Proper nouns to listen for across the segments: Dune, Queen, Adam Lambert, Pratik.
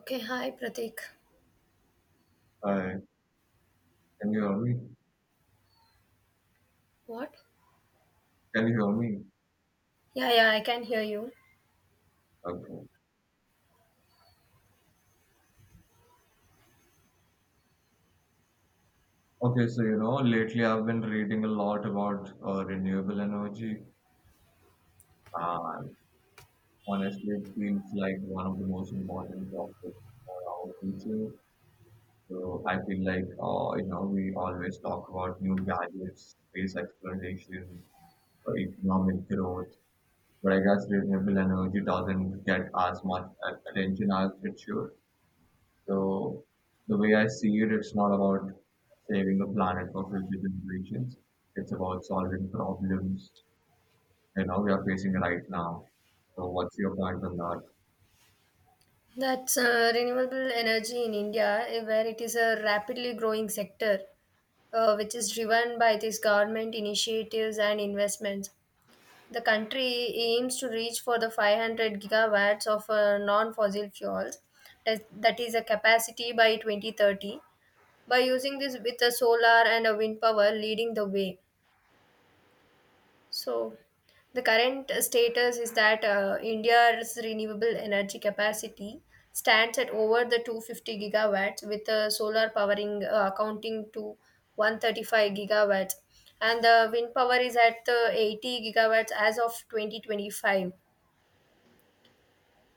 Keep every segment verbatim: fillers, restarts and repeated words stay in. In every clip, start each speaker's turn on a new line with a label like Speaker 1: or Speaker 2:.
Speaker 1: Okay, hi Pratik.
Speaker 2: Hi, can you hear me?
Speaker 1: What?
Speaker 2: Can you hear me?
Speaker 1: Yeah, yeah, I can hear you.
Speaker 2: Okay. Okay, so you know, lately I've been reading a lot about uh, renewable energy, and honestly, it feels like one of the most important topics for our future. So I feel like, uh, you know, we always talk about new gadgets, space exploration, uh, economic growth, but I guess renewable energy doesn't get as much a- attention as it should. So the way I see it, it's not about saving the planet for future generations. It's about solving problems you know we are facing right now. So what's your point on that?
Speaker 1: That's uh, renewable energy in India, eh, where it is a rapidly growing sector, uh, which is driven by these government initiatives and investments. The country aims to reach for the five hundred gigawatts of uh, non-fossil fuels, that that is a capacity by twenty thirty, by using this with a solar and a wind power leading the way. So, the current status is that uh, India's renewable energy capacity stands at over the two hundred fifty gigawatts, with uh, solar powering uh, accounting to one hundred thirty-five gigawatts, and the wind power is at the eighty gigawatts as of twenty twenty-five.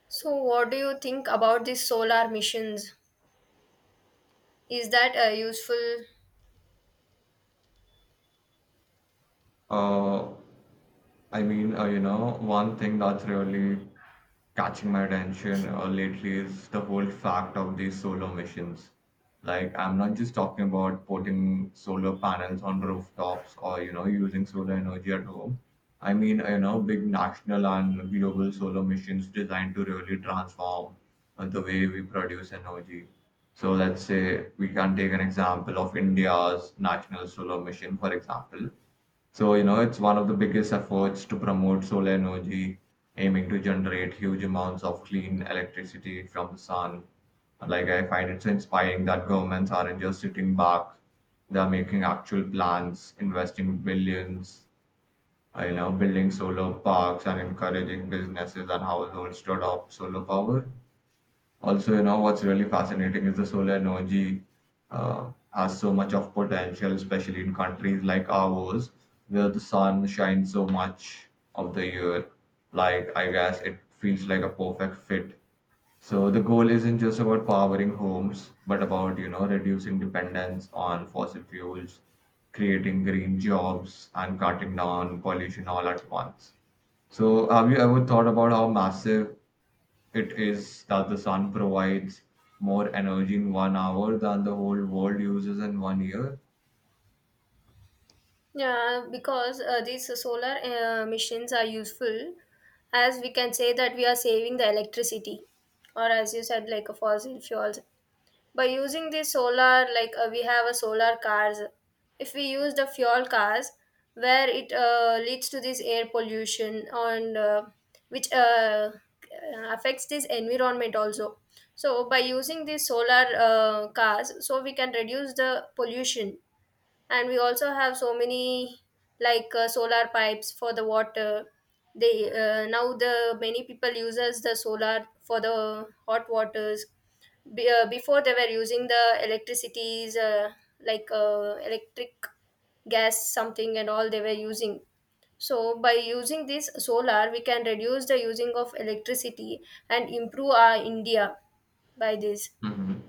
Speaker 1: So, what do you think about these solar missions? Is that uh, useful?
Speaker 2: Uh, I mean, uh, you know, one thing that's really catching my attention uh, lately is the whole fact of these solar missions. Like, I'm not just talking about putting solar panels on rooftops or, you know, using solar energy at home. I mean, you know, big national and global solar missions designed to really transform uh, the way we produce energy. So, let's say we can take an example of India's national solar mission, for example so, you know, It's one of the biggest efforts to promote solar energy, aiming to generate huge amounts of clean electricity from the sun. Like, I find it so inspiring that governments aren't just sitting back, they're making actual plans, investing billions, uh, you know, building solar parks and encouraging businesses and households to adopt solar power. Also, you know, what's really fascinating is the solar energy uh, has so much of potential, especially in countries like ours, where the sun shines so much of the year. Like, I guess it feels like a perfect fit. So the goal isn't just about powering homes, but about, you know, reducing dependence on fossil fuels, creating green jobs, and cutting down pollution all at once. So have you ever thought about how massive it is that the sun provides more energy in one hour than the whole world uses in one year.
Speaker 1: Yeah, because uh, these solar uh, machines are useful, as we can say that we are saving the electricity, or as you said, like a fossil fuels. By using the solar, like uh, we have a solar cars. If we use the fuel cars, where it uh, leads to this air pollution and uh, which uh, affects this environment also. So by using these solar uh, cars, so we can reduce the pollution, and we also have so many, like uh, solar pipes for the water. They uh, now the many people uses the solar for the hot waters. Be, uh, before they were using the electricities, uh, like uh, electric gas something and all they were using. So by using this solar we can reduce the using of electricity and improve our india by this.
Speaker 2: Hmm.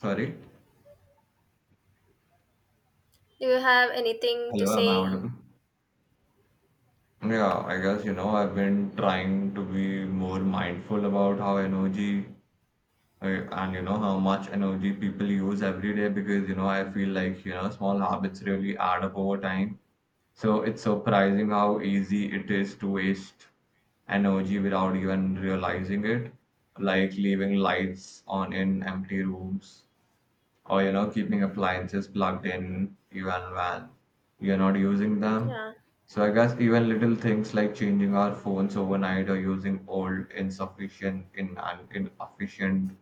Speaker 2: Sorry.
Speaker 1: Do you have anything to
Speaker 2: Hello, am I
Speaker 1: say?
Speaker 2: audible? Yeah, I guess you know I've been trying to be more mindful about how energy uh, and you know how much energy people use every day because you know I feel like you know small habits really add up over time. So it's surprising how easy it is to waste energy without even realizing it, like leaving lights on in empty rooms or you know keeping appliances plugged in even when you're not using them.
Speaker 1: Yeah,
Speaker 2: So I guess even little things like changing our phones overnight or using old, insufficient, in and inefficient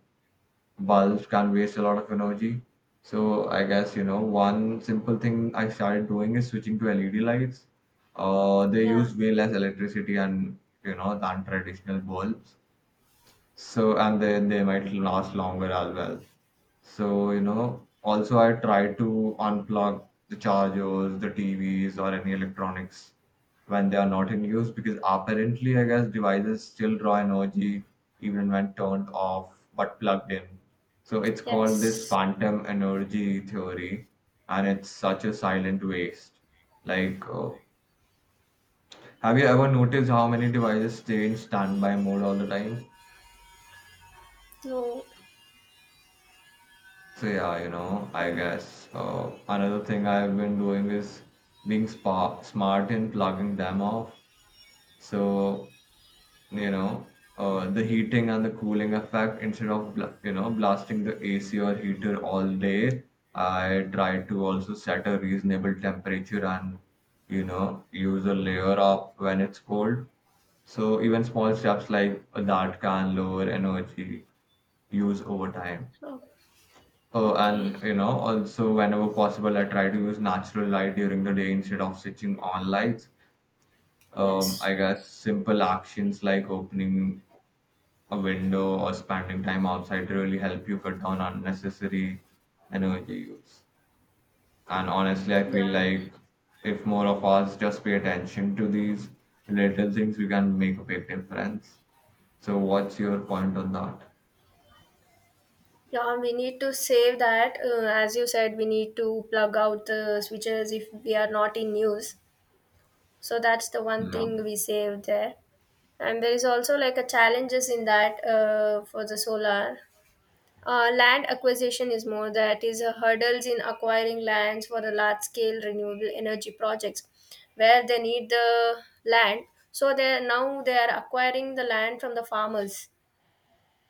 Speaker 2: bulbs can waste a lot of energy. So I guess, you know, one simple thing I started doing is switching to L E D lights. Uh, they
Speaker 1: yeah.
Speaker 2: use way less electricity and, you know, than traditional bulbs. So, and then they might last longer as well. So, you know, also I try to unplug the chargers, the T Vs, or any electronics when they are not in use because apparently I guess devices still draw energy even when turned off but plugged in, so it's called this
Speaker 1: Yes.
Speaker 2: phantom energy theory, and it's such a silent waste. like uh, have you ever noticed how many devices stay in standby mode all the time?
Speaker 1: No.
Speaker 2: So yeah, you know i
Speaker 1: And,
Speaker 2: guess uh, another thing I've been doing is being spa- smart in plugging them off. so you know uh, the heating and the cooling effect, instead of bla- you know blasting the A C or heater all day, I try to also set a reasonable temperature and you know use a layer up when it's cold. So even small steps like that can lower energy use over time.
Speaker 1: oh,
Speaker 2: Oh,
Speaker 1: okay.
Speaker 2: and you know also whenever possible I try to use natural light during the day instead of switching on lights. um,
Speaker 1: Yes.
Speaker 2: I guess simple actions like opening a window or spending time outside really help you cut down unnecessary energy use. And honestly, I feel
Speaker 1: Yeah.
Speaker 2: like if more of us just pay attention to these little things, we can make a big difference. So, what's your point on that?
Speaker 1: Yeah, we need to save that. Uh, as you said, we need to plug out the switches if we are not in use. So that's the one
Speaker 2: Yeah.
Speaker 1: thing we save there. And there is also like a challenges in that uh, for the solar. Uh, land acquisition is more, that is a hurdles in acquiring lands for the large scale renewable energy projects, where they need the land. So they are, now they are acquiring the land from the farmers,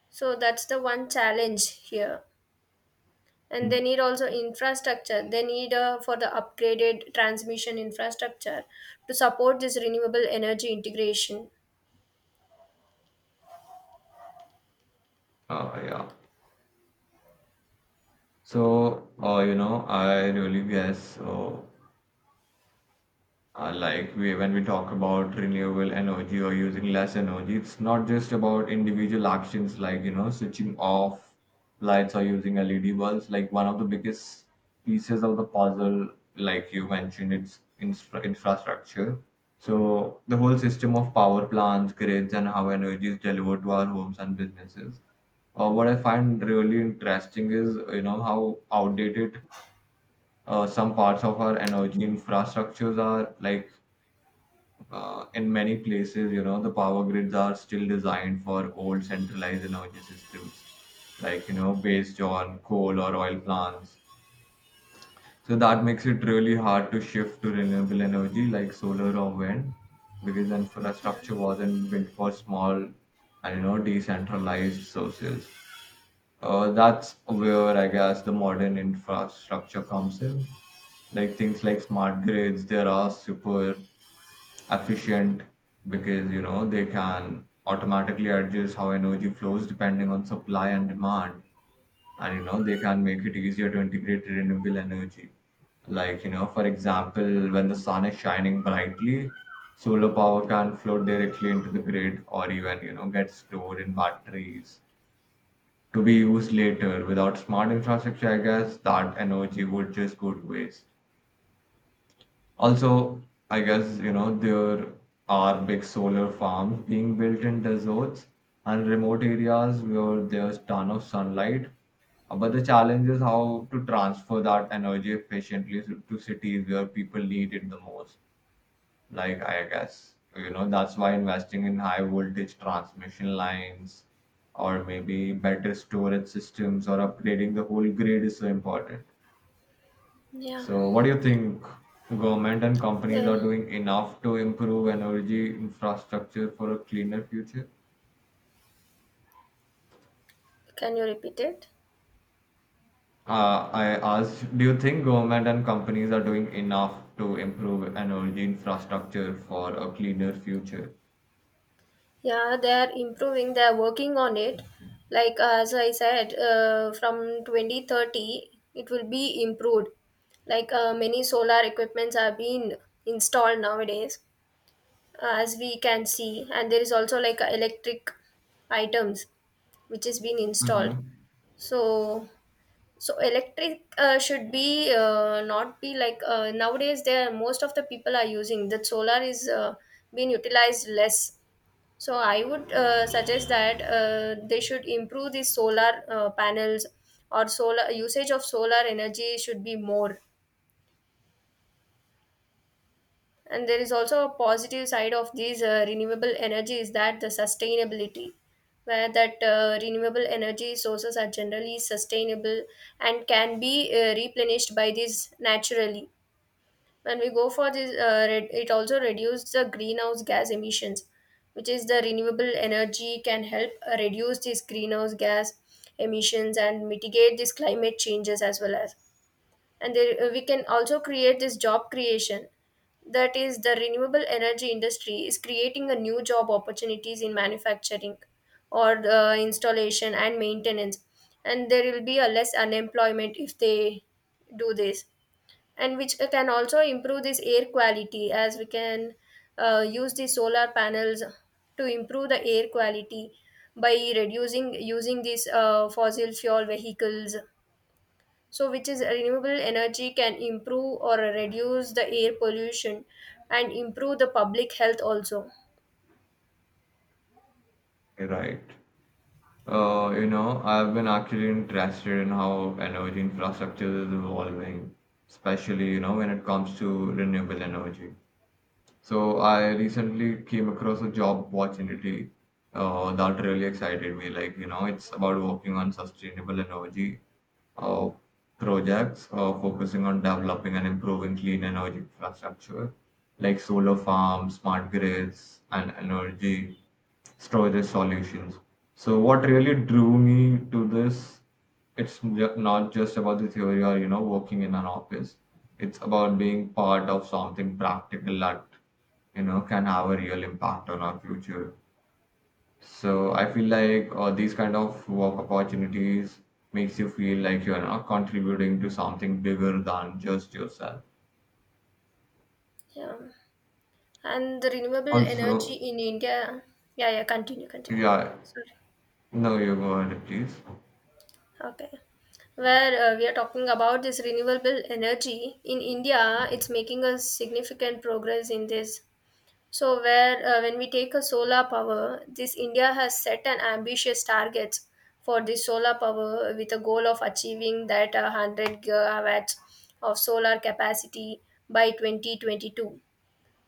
Speaker 1: so that's the one challenge here. And they need also infrastructure, they need uh, for the upgraded transmission infrastructure to support this renewable energy integration.
Speaker 2: Uh, yeah. So, uh, you know, I really guess uh, uh, like we, when we talk about renewable energy or using less energy, it's not just about individual actions like, you know, switching off lights or using L E D bulbs. Like one of the biggest pieces of the puzzle, like you mentioned, it's infra- infrastructure. So the whole system of power plants, grids, and how energy is delivered to our homes and businesses. Uh, what I find really interesting is, you know, how outdated uh, some parts of our energy infrastructures are, like uh, in many places, you know, the power grids are still designed for old centralized energy systems, like, you know, based on coal or oil plants. So that makes it really hard to shift to renewable energy like solar or wind because
Speaker 1: Yeah,
Speaker 2: infrastructure wasn't built for small and, you know, decentralized sources. Uh, that's where I guess the modern infrastructure comes in. Like things like smart grids, there are super efficient because you know they can automatically adjust how energy flows depending on supply and demand, and you know they can make it easier to integrate renewable energy. Like you know for example, when the sun is shining brightly, solar power can flow directly into the grid, or even you know get stored in batteries to be used later. Without smart infrastructure, I guess that energy would just go to waste. Also, I guess, you know, there are big solar farms being built in deserts and remote areas where there's ton of sunlight. Uh, But the challenge is how to transfer that energy efficiently to to cities where people need it the most. Like, I guess, you know, that's why investing in high voltage transmission lines or maybe better storage systems or upgrading the whole grid is so important.
Speaker 1: yeah.
Speaker 2: So, what do you think, government and companies are
Speaker 1: The-
Speaker 2: doing enough to improve energy infrastructure for a cleaner future?
Speaker 1: can you repeat it?
Speaker 2: Uh, I asked, do you think government and companies are doing enough to improve energy infrastructure for a cleaner future?
Speaker 1: Yeah, they are improving. They are working on it. Like uh, as I said, uh, from twenty thirty, it will be improved. Like uh, many solar equipments are being installed nowadays, uh, as we can see, and there is also like uh, electric items which is being installed.
Speaker 2: Mm-hmm.
Speaker 1: So, so electric uh, should be uh, not be, like uh, nowadays. There most of the people are using that solar is uh, being utilized less, so I would uh, suggest that uh, they should improve the solar uh, panels, or solar usage of solar energy should be more. And there is also a positive side of these uh, renewable energy is that the sustainability, where that uh, renewable energy sources are generally sustainable and can be uh, replenished by these naturally. When we go for this uh, re- it also reduces the greenhouse gas emissions, which is the renewable energy can help uh, reduce these greenhouse gas emissions and mitigate these climate changes as well. As and there, uh, we can also create this job creation, that is the renewable energy industry is creating a new job opportunities in manufacturing or the installation and maintenance, and there will be a less unemployment if they do this. And which can also improve this air quality, as we can uh, use the solar panels to improve the air quality by reducing using these uh, fossil fuel vehicles. So which is renewable energy can improve or reduce the air pollution and improve the public health also.
Speaker 2: Right. Uh, you know, I've been actually interested in how energy infrastructure is evolving, especially, you know, when it comes to renewable energy. So I recently came across a job opportunity uh, that really excited me. Like, you know, it's about working on sustainable energy uh, projects uh, focusing on developing and improving clean energy infrastructure like solar farms, smart grids, and energy storage solutions. So, what really drew me to this, it's ju- not just about the theory or you know working in an office. It's about being part of something practical that you know can have a real impact on our future. So I feel like uh, these kind of work opportunities makes you feel like you are not contributing to something bigger than just yourself.
Speaker 1: Yeah, and the renewable energy
Speaker 2: Also,
Speaker 1: in india. Yeah, yeah, continue, continue.
Speaker 2: yeah,
Speaker 1: Sorry.
Speaker 2: no, you go ahead, please.
Speaker 1: Okay. Where uh, we are talking about this renewable energy in India, it's making a significant progress in this. So, where uh, when we take a solar power, this India has set an ambitious targets for the solar power with a goal of achieving that uh, one hundred gigawatts of solar capacity by twenty twenty-two.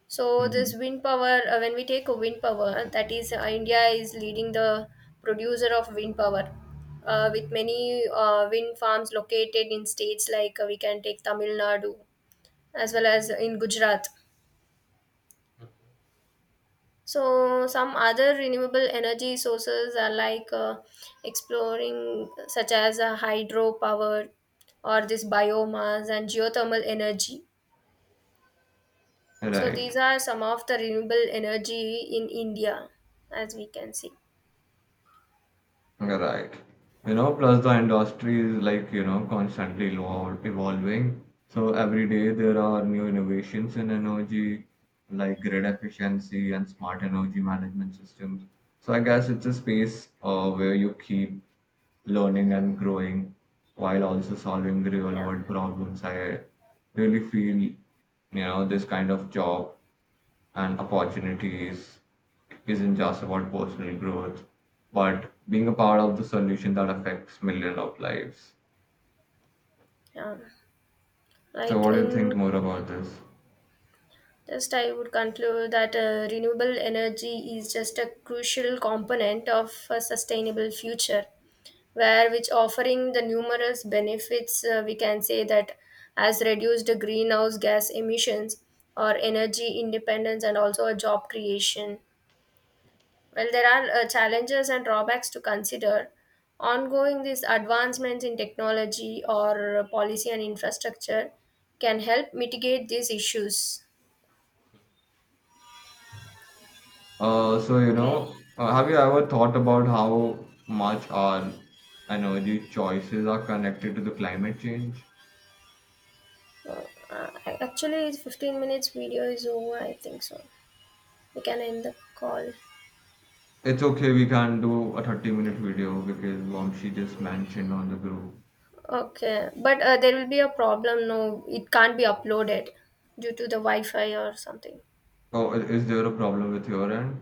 Speaker 1: So this
Speaker 2: Hmm.
Speaker 1: wind power, uh, when we take a wind power, that is uh, India is leading the producer of wind power, uh, with many uh, wind farms located in states like uh, we can take Tamil Nadu as well as in Gujarat. So some other renewable energy sources are like uh, exploring, such as uh, hydropower or this biomass and geothermal energy. So these
Speaker 2: Right,
Speaker 1: are some of the renewable energy in India, as we can see.
Speaker 2: right. You know, plus the industry is like, you know, constantly evol- evolving. So every day there are new innovations in energy, like grid efficiency and smart energy management systems. So I guess it's a space uh, where you keep learning and growing while also solving real
Speaker 1: Yeah,
Speaker 2: world problems. I really feel, you know, this kind of job and opportunities isn't just about personal growth, but being a part of the solution that affects millions of lives.
Speaker 1: yeah.
Speaker 2: So,
Speaker 1: Like
Speaker 2: what do you think
Speaker 1: in
Speaker 2: more about this?
Speaker 1: just, I would conclude that uh, renewable energy is just a crucial component of a sustainable future, where which offering the numerous benefits. Uh, we can say that has reduced the greenhouse gas emissions, or energy independence, and also a job creation. Well, there are uh, challenges and drawbacks to consider. Ongoing these advancements in technology or uh, policy and infrastructure can help mitigate these issues.
Speaker 2: Uh, so you
Speaker 1: Okay.
Speaker 2: know, uh, have you ever thought about how much our energy choices are connected to the climate change?
Speaker 1: Uh, uh, actually, it's fifteen minutes video is over, I think so. We can end the call.
Speaker 2: It's okay, we can do a 30 minute video because mom she just mentioned on the group.
Speaker 1: Okay. But uh, there will be a problem. No, it can't be uploaded due to the Wi Fi or something.
Speaker 2: Oh, i- is there a problem with your end?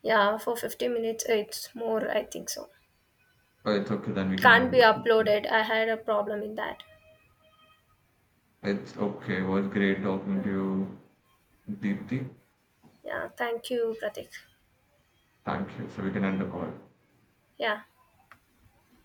Speaker 1: Yeah, for fifteen minutes, it's more, I think so.
Speaker 2: Oh, it's okay, then we
Speaker 1: It
Speaker 2: can
Speaker 1: can't be
Speaker 2: end it.
Speaker 1: uploaded. I had a problem in that.
Speaker 2: It's okay, it was great talking
Speaker 1: Uh,
Speaker 2: to you, Deepthi.
Speaker 1: Yeah, thank you, Pratik.
Speaker 2: Thank you. So we can end the call.
Speaker 1: Yeah.